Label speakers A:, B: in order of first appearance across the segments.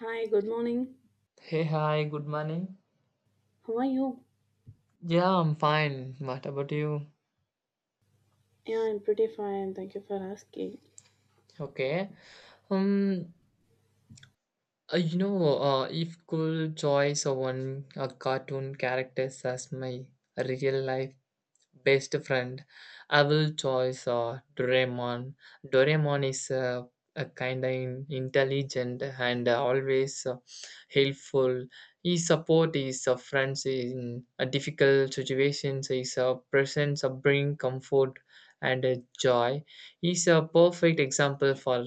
A: Hi, good morning.
B: Hey, hi, good morning.
A: How are you?
B: Yeah, I'm fine. What about you?
A: Yeah, I'm pretty fine. Thank you for asking.
B: Okay. Um, if could choose one a cartoon characters as my real life best friend. I will choose Doraemon. Doraemon is a kind of intelligent and always helpful. He support his friends in difficult situations. His presence bring comfort and joy. He's a perfect example for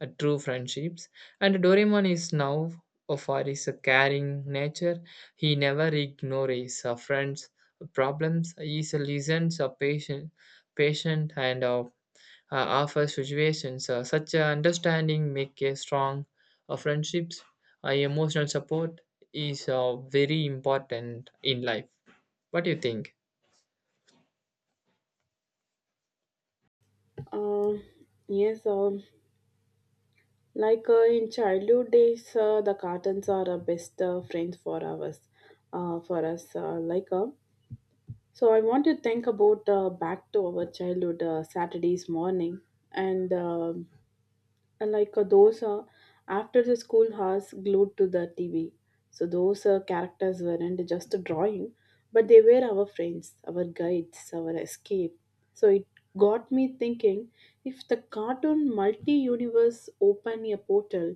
B: true friendships. And Doraemon is now for his caring nature. He never ignores his friends problems is listens a patient and offer situations. Such a understanding make a strong friendships. Emotional support is very important in life. What do you think?
A: Um, yes, like in childhood days, the cartoons are our best friends for us. Uh, for us, uh, like uh, I want to think about back to our childhood Saturdays morning and. um and like a dosa after the school hours glued to the TV. So those characters weren't just a drawing, but they were our friends, our guides, our escape. So it got me thinking if the cartoon multi universe opened a portal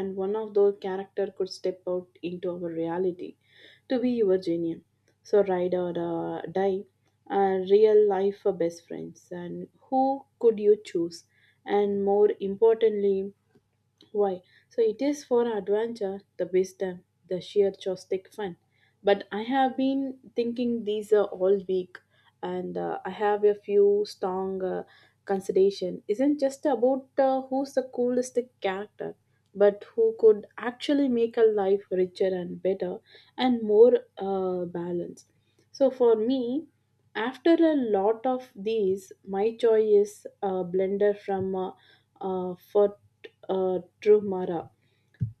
A: and one of those characters could step out into our reality to be your genuine. So ride or die, real life best friends. And who could you choose? And more importantly, why? So it is for adventure, the wisdom, the sheer joystick fun. But I have been thinking these are all week, and I have a few strong consideration. Isn't just about who's the coolest character, but who could actually make a life richer and better and more balanced. So for me, after a lot of these, my choice is a blender from. For Drumara.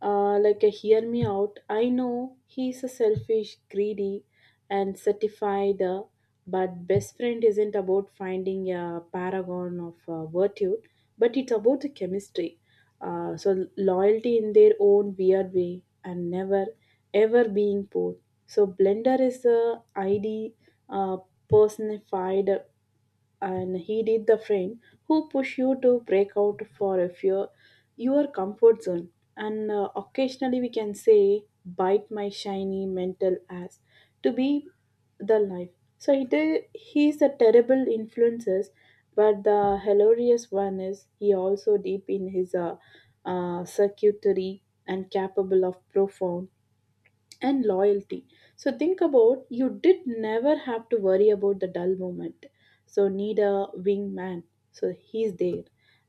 A: Like a hear me out. I know he's a selfish, greedy, and certified, but best friend isn't about finding a paragon of virtue, but it's about the chemistry. So loyalty in their own weird way, and never ever being poor. So blender is the ID uh, personified, and he did the friend who push you to break out for a fear your comfort zone and occasionally we can say bite my shiny mental ass to be the life. So he did, he's a terrible influences, but the hilarious one is he also deep in his circuitry and capable of profound and loyalty. So think about you did never have to worry about the dull moment. So need a wingman. So he's there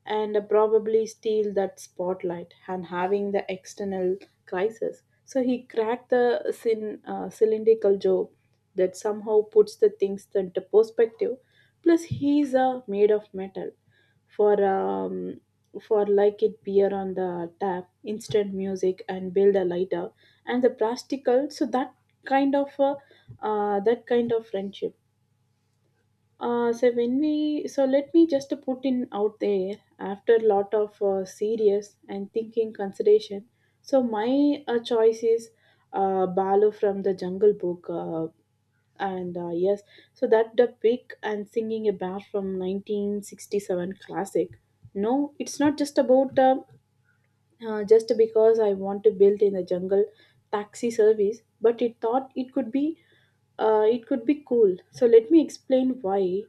A: and probably steal that spotlight and having the external crisis. So he cracked the cylindrical joke that somehow puts the things into perspective. Plus he's made of metal for um, for like it beer on the tap, instant music, and build a lighter and the practical. So that kind of uh, that kind of friendship. So when we so let me just put in out there after a lot of serious and thinking consideration. So my choice is balu from the jungle book, and yes, so that the big and singing a bar from 1967 classic. No, it's not just about just because I want to build in a jungle taxi service, but it thought it could be cool. So let me explain why.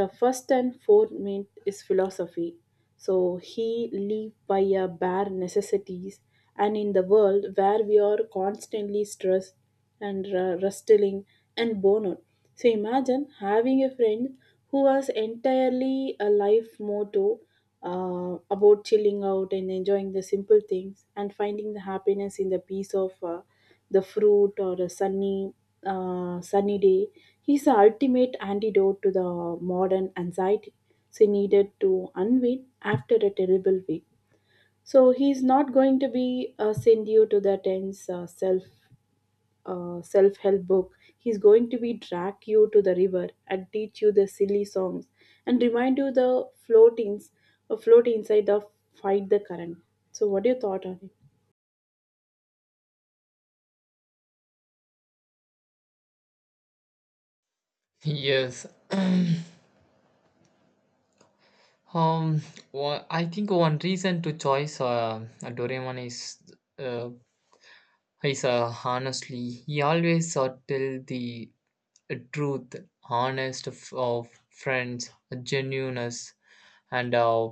A: The first and foremost myth is philosophy. So he live by a bare necessities, and in the world where we are constantly stressed and rustling and worn out. So imagine having a friend who has entirely a life motto about chilling out and enjoying the simple things and finding the happiness in the peace of. The fruit or a sunny sunny day. He's the ultimate antidote to the modern anxiety. So he needed to unwind after a terrible week. So he's not going to be send you to the tense self help book. He's going to be drag you to the river and teach you the silly songs and remind you the floatings, float inside the fight the current. So what do you thought on it?
B: Yes. Um. Well, I think one reason to choose Doraemon is uh, hi, sir. Honestly, he always tell the truth, honest of friends, genuineness, and uh,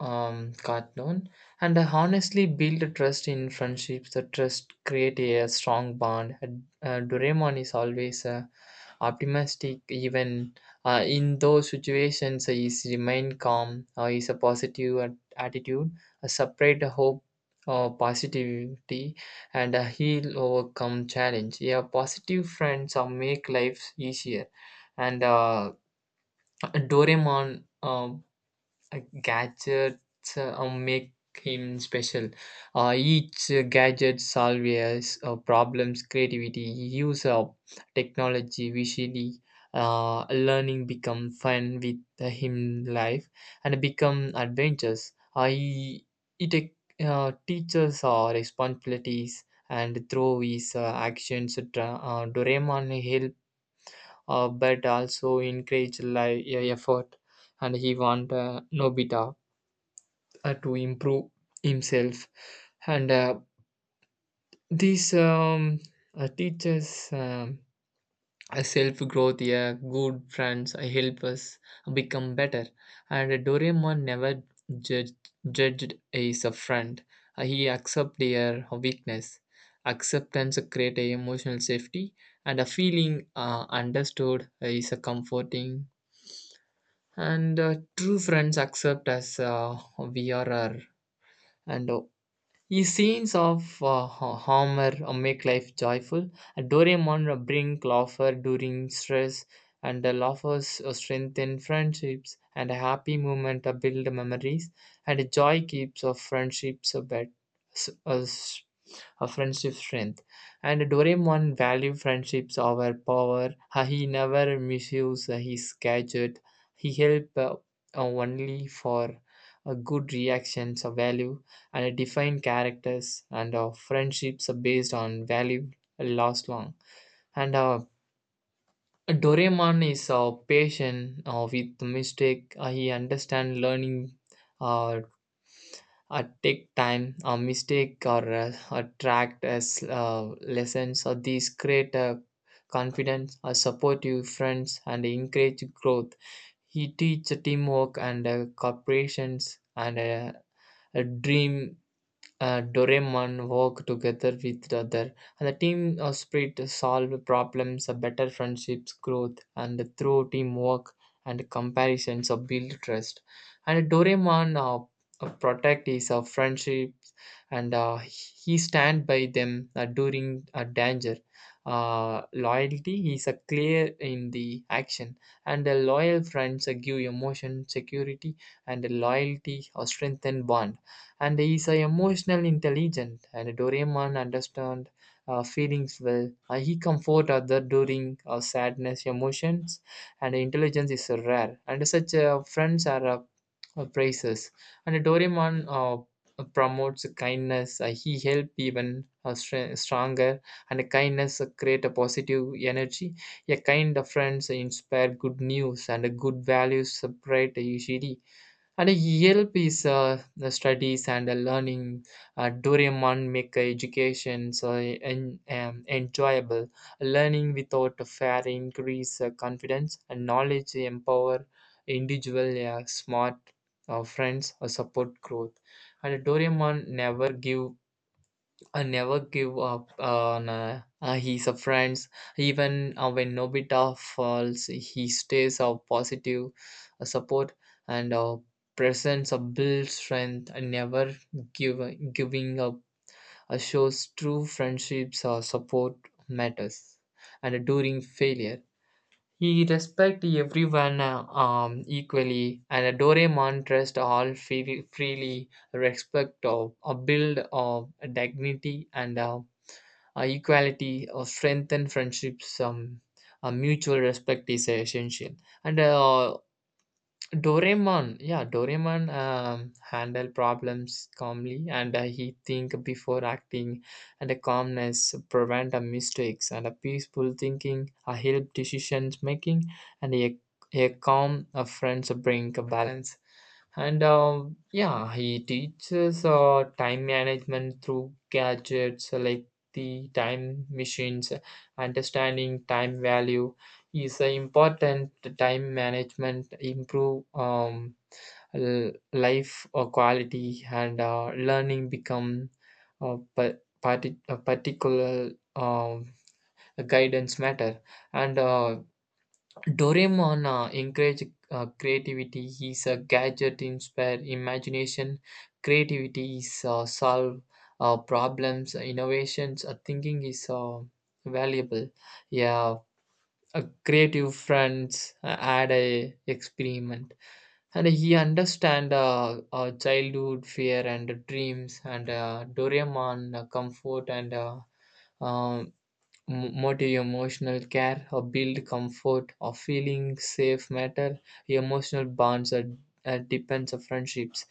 B: um, cartoon. And I honestly build a trust in friendships. The trust create a strong bond. Doraemon is always optimistic, even in those situations. He's remain calm. He's a positive attitude. A separate hope. Positivity and he'll overcome challenge. Yeah, positive friends make life easier. And Doraemon gadgets make him special. Each gadget solves problems, creativity, use of technology, visually. Learning become fun with him life and become adventures. It take, Teaches our responsibilities and through his actions, Doraemon help but also encourage life effort and he want Nobita to improve himself and these teachers a self growth. Yeah, good friends help us become better and Doraemon never judged, judged as a friend. He accepted their weakness. Acceptance create a emotional safety and a feeling understood is a comforting and true friends accept us uh, we are and the scenes of Homer make life joyful. And Doraemon bring laughter during stress, and the laughers strengthen friendships, and a happy moment build memories, and joy keeps friendships s- uh, s- a friendship strength. And Doraemon valued friendships over power. He never misused his gadget. He helped only for a good reactions of value and defined characters and friendships are based on value last long. And Doraemon is patient with mistake. He understands learning uh, take time, a mistake, or attract as lessons. Or these create a confidence, a supportive friends, and encourage growth. He teach teamwork and corporations and a dream. Uh, Doraemon work together with the other, and the team spirit solve problems, better friendships, growth, and through teamwork and comparisons, build trust. And Doraemon protect his friendships, and he stand by them during danger. Loyalty is clear in the action, and loyal friends give emotion, security, and loyalty or strengthen bond. And he's a emotional intelligent and Doraemon understand feelings well. He comfort other during sadness emotions and intelligence is rare and such friends are praises. And Doraemon promotes kindness. He help even stronger and kindness create a positive energy. A kind of friends inspire good news and good values spread usually. And ELP is the studies and the learning. Doraemon make education so enjoyable. Learning without a fear increase confidence and knowledge empower individual smart friends or support growth. And Doraemon never give I never give up on his friends. Even when Nobita falls, he stays of positive support and presence of build strength. I never give Giving up. Shows true friendships or support matters. And during failure, he respect everyone equally. And Doraemon trust all freely respect of a build of dignity and. Equality, strengthen friendships, mutual respect is essential. And yeah, Doraemon handle problems calmly, and he think before acting, and a calmness prevent mistakes, and a peaceful thinking help decisions making, and a calm friends bring a balance. And yeah, he teaches time management through gadgets like the time machines, understanding time value is a important. Time management improve life quality and learning become uh, pa- a particular um, guidance matter. And Doraemon encourage creativity. He's a gadget inspire imagination. Creativity is solve problems. Innovations thinking is valuable. Yeah, a creative friends had a experiment. And he understand childhood fear and dreams. And Doraemon comfort and um, motive emotional care or build comfort or feeling safe matter. Emotional bonds are depends of friendships.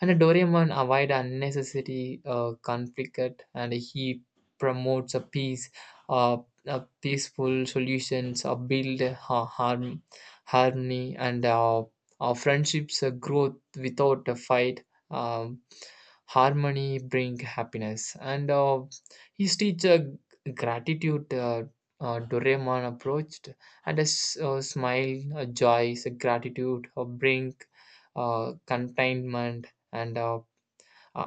B: And a Doraemon avoid unnecessary conflict and he promotes a peace. uh, a peaceful solutions or build harm, harmony, and our friendships growth without a fight. um, Harmony bring happiness and his teacher gratitude. Doraemon approached, and a smile, a joy, a gratitude, a brink, contentment, and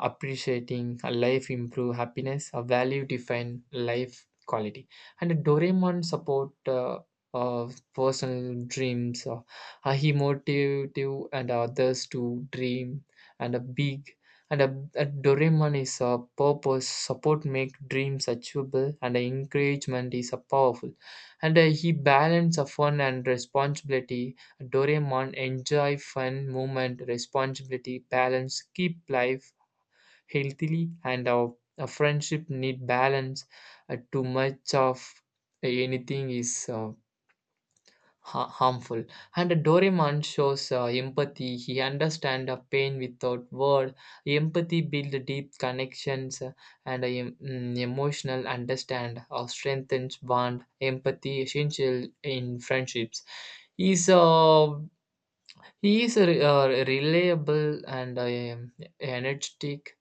B: appreciating a life improve happiness. A value define life quality. And Doraemon support uh, personal dreams. He motivate you and others to dream and a big. And a Doraemon is a purpose support make dreams achievable and a encouragement is a powerful. And he balance of fun and responsibility. Doraemon enjoy fun movement responsibility balance keep life healthily and our a friendship need balance. Too much of anything is harmful. And Doraemon shows empathy. He understands a pain without word. Empathy builds deep connections, and a emotional understand or strengthens bond. Empathy essential in friendships. He's uh, he is a reliable and energetic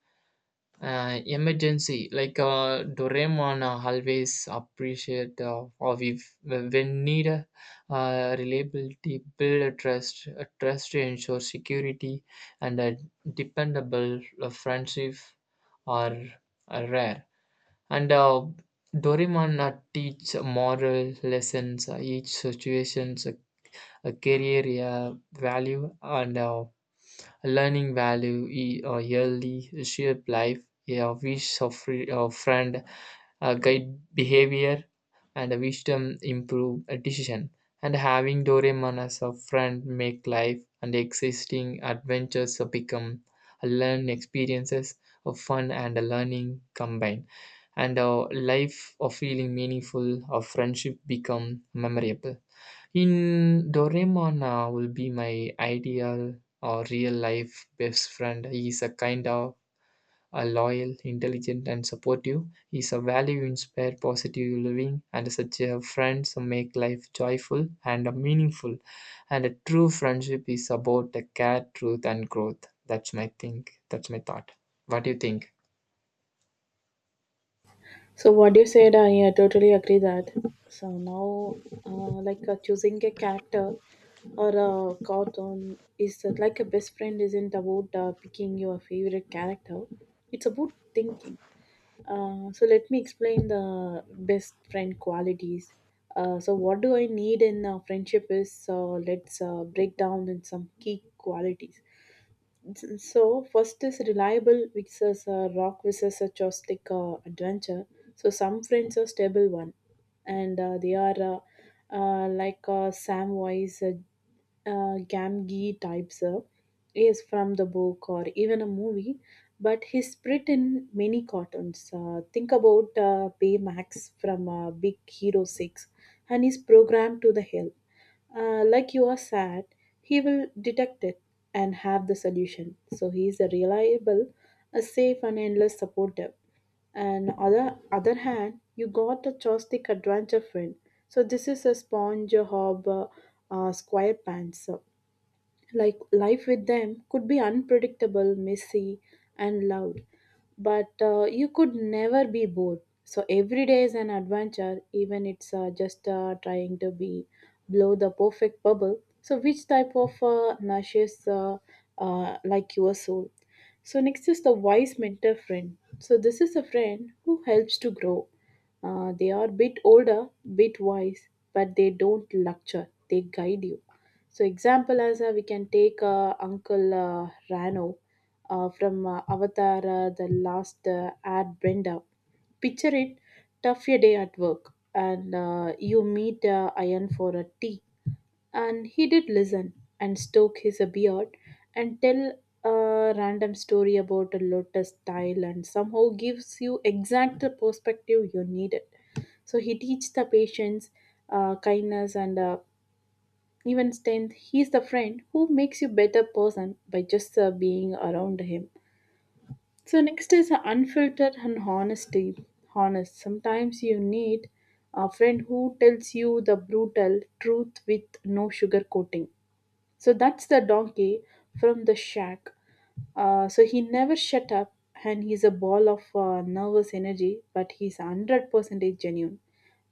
B: emergency. Like Doraemon always appreciate or we when need. Uh, reliability build a trust. A trust to ensure security and a dependable uh, friendship are, are rare. And Doraemon teach moral lessons. Each situation's a career uh, value and learning value early shape life. A wish of friend guide behavior and wisdom improve a decision. And having Doraemon as a friend make life and existing adventures become a learn experiences of fun and a learning combined. And a life of feeling meaningful of friendship become memorable in Doraemon will be my ideal or real life best friend. He is a kind of a loyal, intelligent, and supportive. He is a value inspired, positive living, and such a friend to make life joyful and meaningful. And a true friendship is about the care, truth, and growth. That's my think. That's my thought. What do you think?
A: So what you said, I totally agree that. So now, like choosing a character or a cartoon is like a best friend isn't about picking your favorite character. It's about thinking. So let me explain the best friend qualities. So what do I need in a friendship is let's break down in some key qualities. So first is reliable versus rock versus a joystick adventure. So some friends are stable one, and they are like Samwise Gamgee types up is from the book or even a movie, but he's spread in many cartoons. Think about Baymax from Big Hero 6, and he's programmed to the hill. Like you are sad, he will detect it and have the solution. So he is a reliable, a safe and endless supporter. And other hand, you got a joystick adventure friend. So this is a sponge, a hob, square pants. So, like life with them could be unpredictable, messy, and loud, but you could never be bored. So every day is an adventure, even it's just trying to be blow the perfect bubble. So which type of nourishes like your soul? So next is the wise mentor friend. So this is a friend who helps to grow. They are bit older, bit wise, but they don't lecture. They guide you. So example as we can take Uncle Rano from Avatar, the last ad Brenda. Picture it, tough your day at work, and you meet Iron for a tea. And he did listen and stroke his beard and tell a random story about a lotus tile, and somehow gives you exact the perspective you needed. So he teach the patience, kindness and even tenth, he's the friend who makes you better person by just being around him. So next is unfiltered and honesty. Honest. Sometimes you need a friend who tells you the brutal truth with no sugarcoating. So that's the donkey from the shack. So he never shut up, and he's a ball of nervous energy, but he's 100% genuine.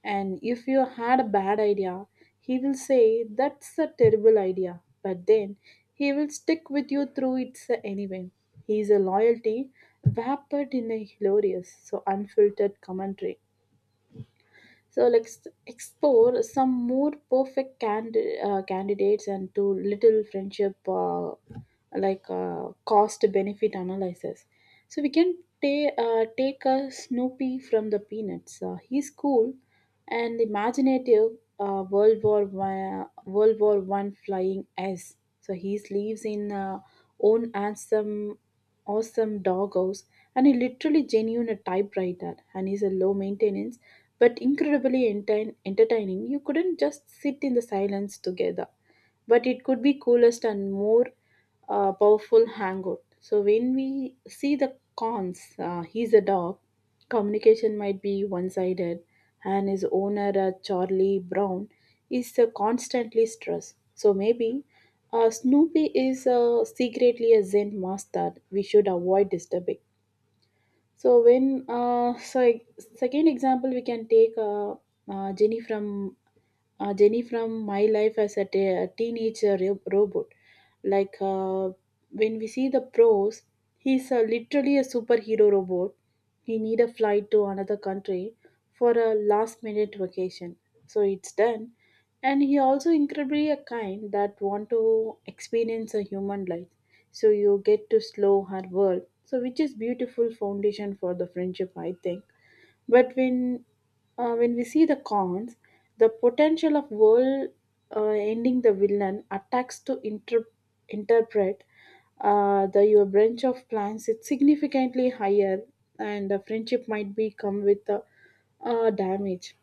A: And if you had a bad idea, he will say, "That's a terrible idea." But then he will stick with you through it anyway. He is a loyalty wrapped in a hilarious, so unfiltered commentary. So let's explore some more perfect candidates and do little friendship like cost benefit analysis. So we can take a Snoopy from the Peanuts. He's cool and imaginative. World War World War One flying S. So he lives in own handsome, awesome doghouse, and he literally genuine a typewriter, and he's a low maintenance but incredibly entertaining. You couldn't just sit in the silence together, but it could be coolest and more powerful hangout. So when we see the cons, he's a dog. Communication might be one-sided, and his owner, Charlie Brown, is constantly stressed. So maybe Snoopy is secretly a Zen master we should avoid disturbing. So when so second example we can take uh, Jenny from Jenny from my life as a teenage robot. Like uh, when we see the pros, he's literally a superhero robot. He need a flight to another country for a last minute vacation. So it's done. And he also incredibly a kind that want to experience a human life. So you get to slow her world. So which is beautiful foundation for the friendship, I think, but when we see the cons, the potential of world ending the villain attacks to interpret the your branch of plans it's significantly higher, and the friendship might be come with the damage.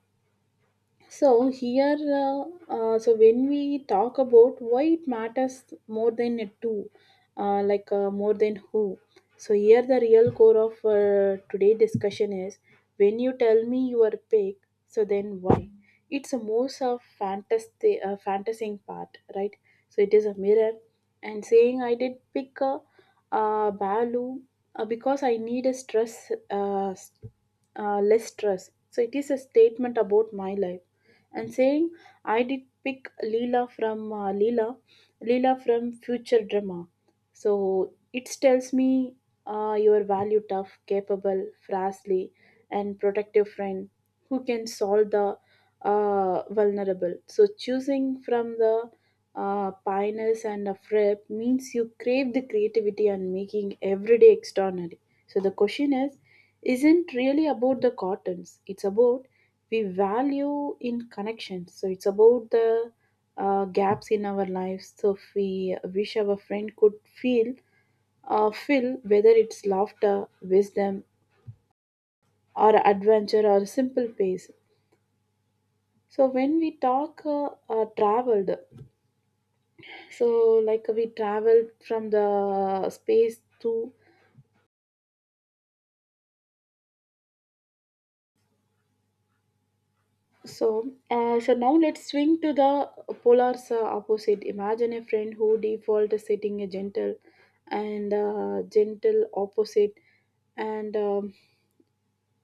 A: So here, so when we talk about why it matters more than a two, like more than who. So here, the real core of today discussion is when you tell me your pick, so then why? It's a most of fantasy, fantasizing part, right? So it is a mirror, and saying I did pick a, Balu because I need a stress, less stress. So it is a statement about my life and saying, I did pick Leela from Leela from Future Drama. So it tells me your value tough, capable, frazzly, and protective friend who can solve the vulnerable. So choosing from the pioneers and a frip means you crave the creativity and making everyday extraordinary. So the question is isn't really about the cottons. It's about we value in connections. So it's about the gaps in our lives. So if we wish our friend could feel, fill whether it's laughter, wisdom, or adventure or simple pace. So when we talk traveled, so like we traveled from the space to. So, now let's swing to the polar opposite. Imagine a friend who default is sitting a gentle and gentle opposite and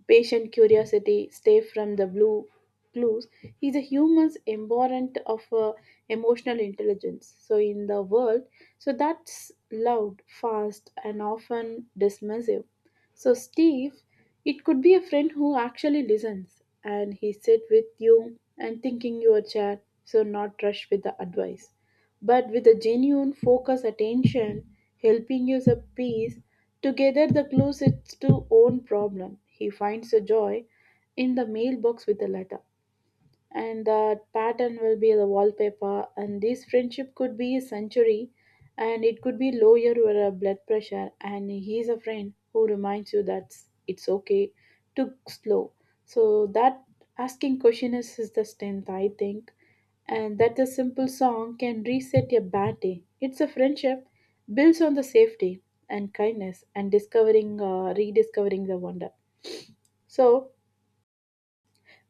A: patient curiosity stay from the blue clues. He's a human's embodiment of emotional intelligence. So in the world, so that's loud, fast, and often dismissive. So, Steve, it could be a friend who actually listens and he sit with you and thinking your chat, so not rush with the advice, but with a genuine focus attention, helping you the peace. Together, the closest to own problem. He finds a joy in the mailbox with a letter and the pattern will be the wallpaper and this friendship could be a century and it could be lower your blood pressure and he's a friend who reminds you that it's okay to slow so that asking question is the strength I think and that a simple song can reset a bad day. It's a friendship builds on the safety and kindness and discovering rediscovering the wonder. So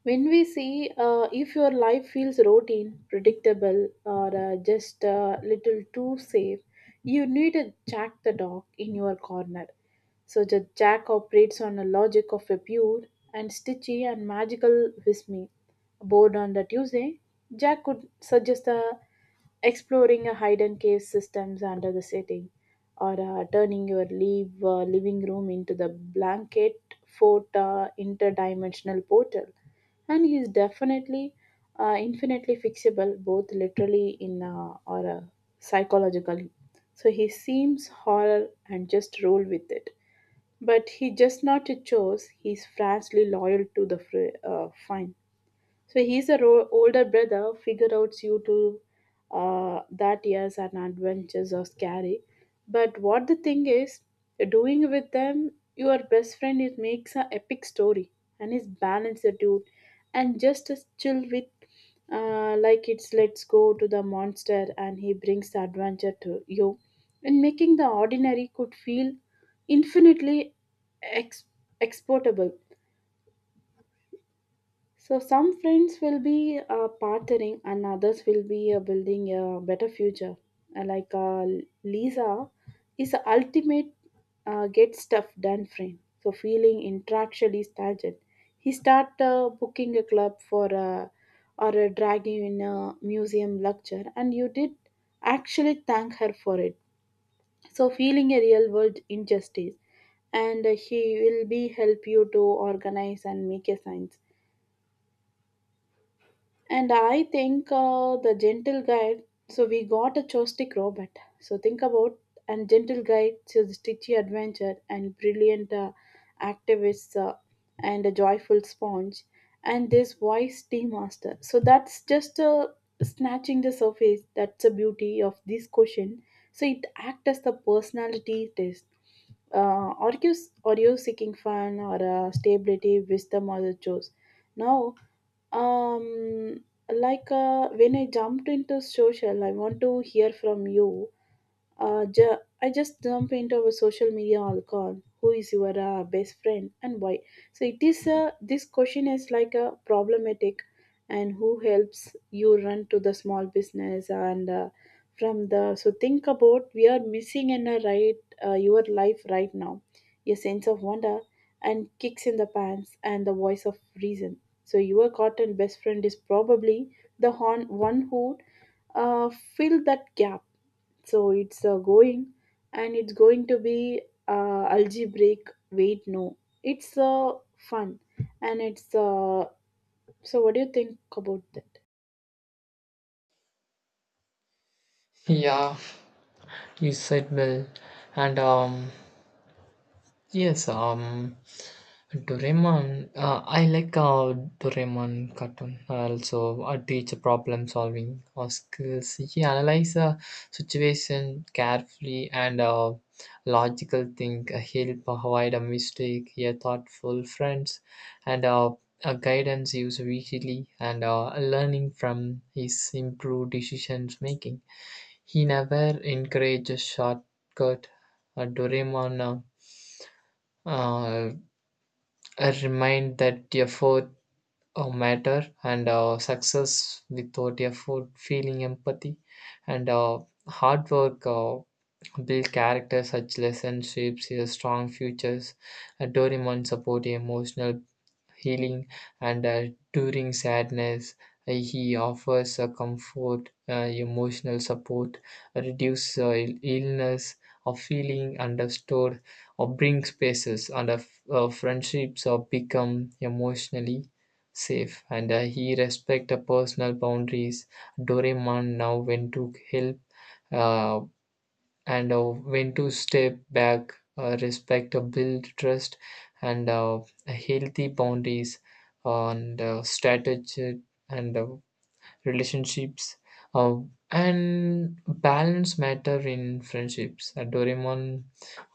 A: when we see if your life feels routine predictable or just a little too safe, you need a Jack the dog in your corner. So the Jack operates on the logic of a pure and stitchy and magical with me. Board on the Tuesday, Jack could suggest a exploring a hidden cave systems under the city or turning your living room into the blanket fort interdimensional portal and he is definitely infinitely fixable both literally in or psychologically. So he seems horror and just roll with it but he just not a chose. He's fiercely loyal to the fine. So he's a older brother figure out you to that years and adventures are scary. But what the thing is, doing with them, your best friend it makes an epic story and is balanced dude and just as chill with like it's let's go to the monster and he brings the adventure to you and making the ordinary could feel infinitely ex- exportable. So some friends will be partnering and others will be building a better future. Uh, like uh, Lisa is the ultimate get stuff done friend. So feeling intellectually started. He start booking a club for or dragging you in a museum lecture and you did actually thank her for it. So feeling a real world injustice and he will be help you to organize and make a sign. And I think the gentle guide. So we got a joystick robot. So think about and gentle guide to the stitchy adventure and brilliant activist and a joyful sponge and this wise tea master. So that's just snatching the surface. That's the beauty of this question. So it acts as the personality test. Are you are you seeking fun or stability, wisdom, or the choice? Now um like when I jumped into social I want to hear from you I just dump into our social media alcohol. Who is your best friend and why? So it is this question is like a problematic, and who helps you run to the small business and from the so think about we are missing in a right your life right now, your sense of wonder and kicks in the pants and the voice of reason. So your cotton best friend is probably the horn, one who uh, fill that gap. So it's going and it's going to be algebraic. Wait, no. It's fun and it's. So, what do you think about that?
B: Yeah, you said well, and yes, Doraemon, I like Doraemon cartoon. Also, I teach problem solving or skills. He analyze a situation carefully and logical think. He'll provide a mistake. He a thoughtful friends and a guidance used visually and learning from his improved decisions making. He never encourages shortcut. Doraemon. Uh, uh, a remind that effort matter and success without effort, feeling empathy and hard work build character. Such lessons shapes your strong futures. A Doraemon support emotional healing, and during sadness, he offers a comfort, emotional support, reduce illness, or feeling understood, or bring spaces, and friendships or become emotionally safe. And he respect the personal boundaries. Doraemon now went to help. Uh, and when to step back, respect, build trust, and healthy boundaries, and strategy, and relationships, uh, and balance matter in friendships. Doraemon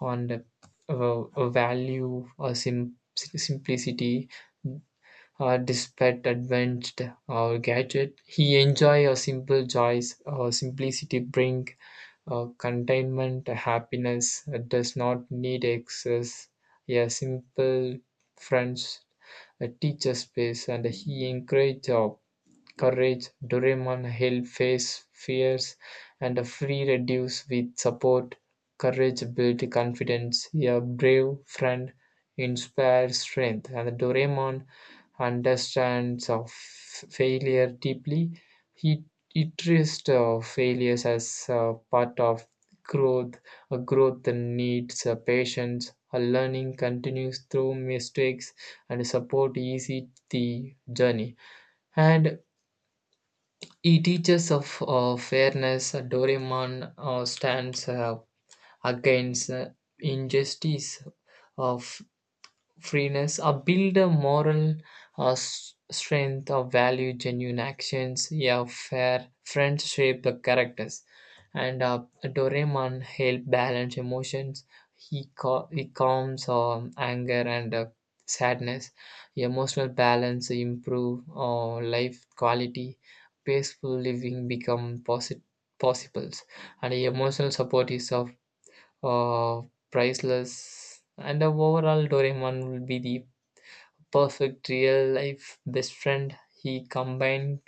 B: on the value simplicity. Despite advanced gadget, he enjoy a simple joys. Simplicity bring containment happiness does not need excess. A simple friends teacher space and he encourage job. Courage, Doraemon help face fears and a free reduce with support. Courage build confidence. A brave friend inspires strength. And Doraemon understands of failure deeply. He treats failures as part of growth. A growth that needs patience. A learning continues through mistakes and support easy the journey. And he teaches of fairness. Doraemon stands against injustice. Of freeness or build a moral strength or value genuine actions. Yeah, fair friends shape the characters. And Doraemon help balance emotions. He calms anger and sadness. Emotional balance improve life quality. Peaceful living become possible, and emotional support is of uh, priceless. And overall, Doraemon will be the perfect real life best friend. He combined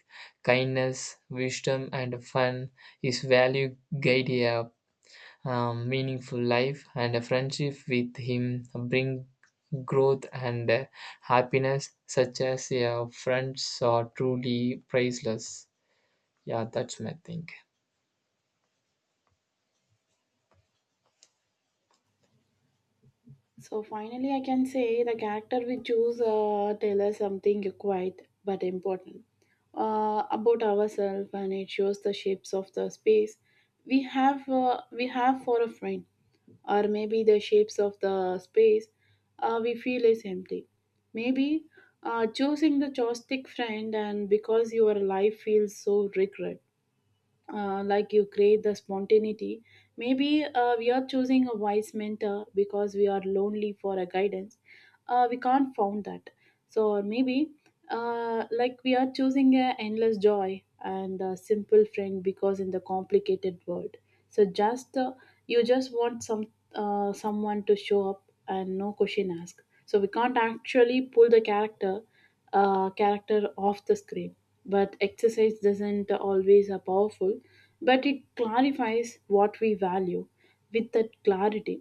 B: kindness, wisdom, and fun. His value guide a meaningful life, and a friendship with him bring growth and happiness, such as your friends are truly priceless. Yeah, that's my thing.
A: So finally, I can say the character we choose tell us something quite but important about ourselves, and it shows the shapes of the space we have for a friend, or maybe the shapes of the space we feel is empty. Maybe choosing the joystick friend, and because your life feels so regret like you create the spontaneity. Maybe we are choosing a wise mentor because we are lonely for a guidance, we can't found that so maybe like we are choosing a endless joy and a simple friend because in the complicated world so just you just want some someone to show up and no question asked so we can't actually pull the character off the screen but exercise doesn't always are powerful but it clarifies what we value with that clarity.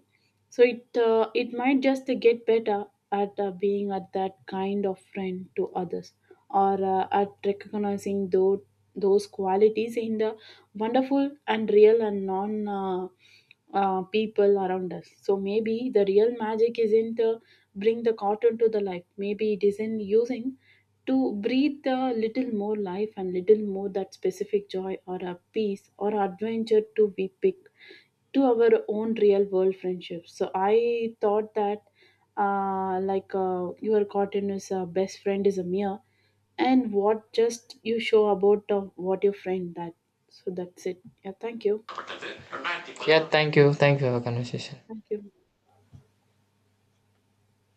A: So it it might just get better at being at that kind of friend to others, or at recognizing those qualities in the wonderful and real and non people around us. So maybe the real magic isn't bring the cotton to the life. Maybe it isn't using to breathe a little more life and little more that specific joy or a peace or adventure to be picked to our own real world friendships. So I thought that you are caught in as a best friend is a mere and what just you show about what your friend that so that's it. Yeah, thank you.
B: Yeah, thank you. Thank you for the conversation.
A: Thank you.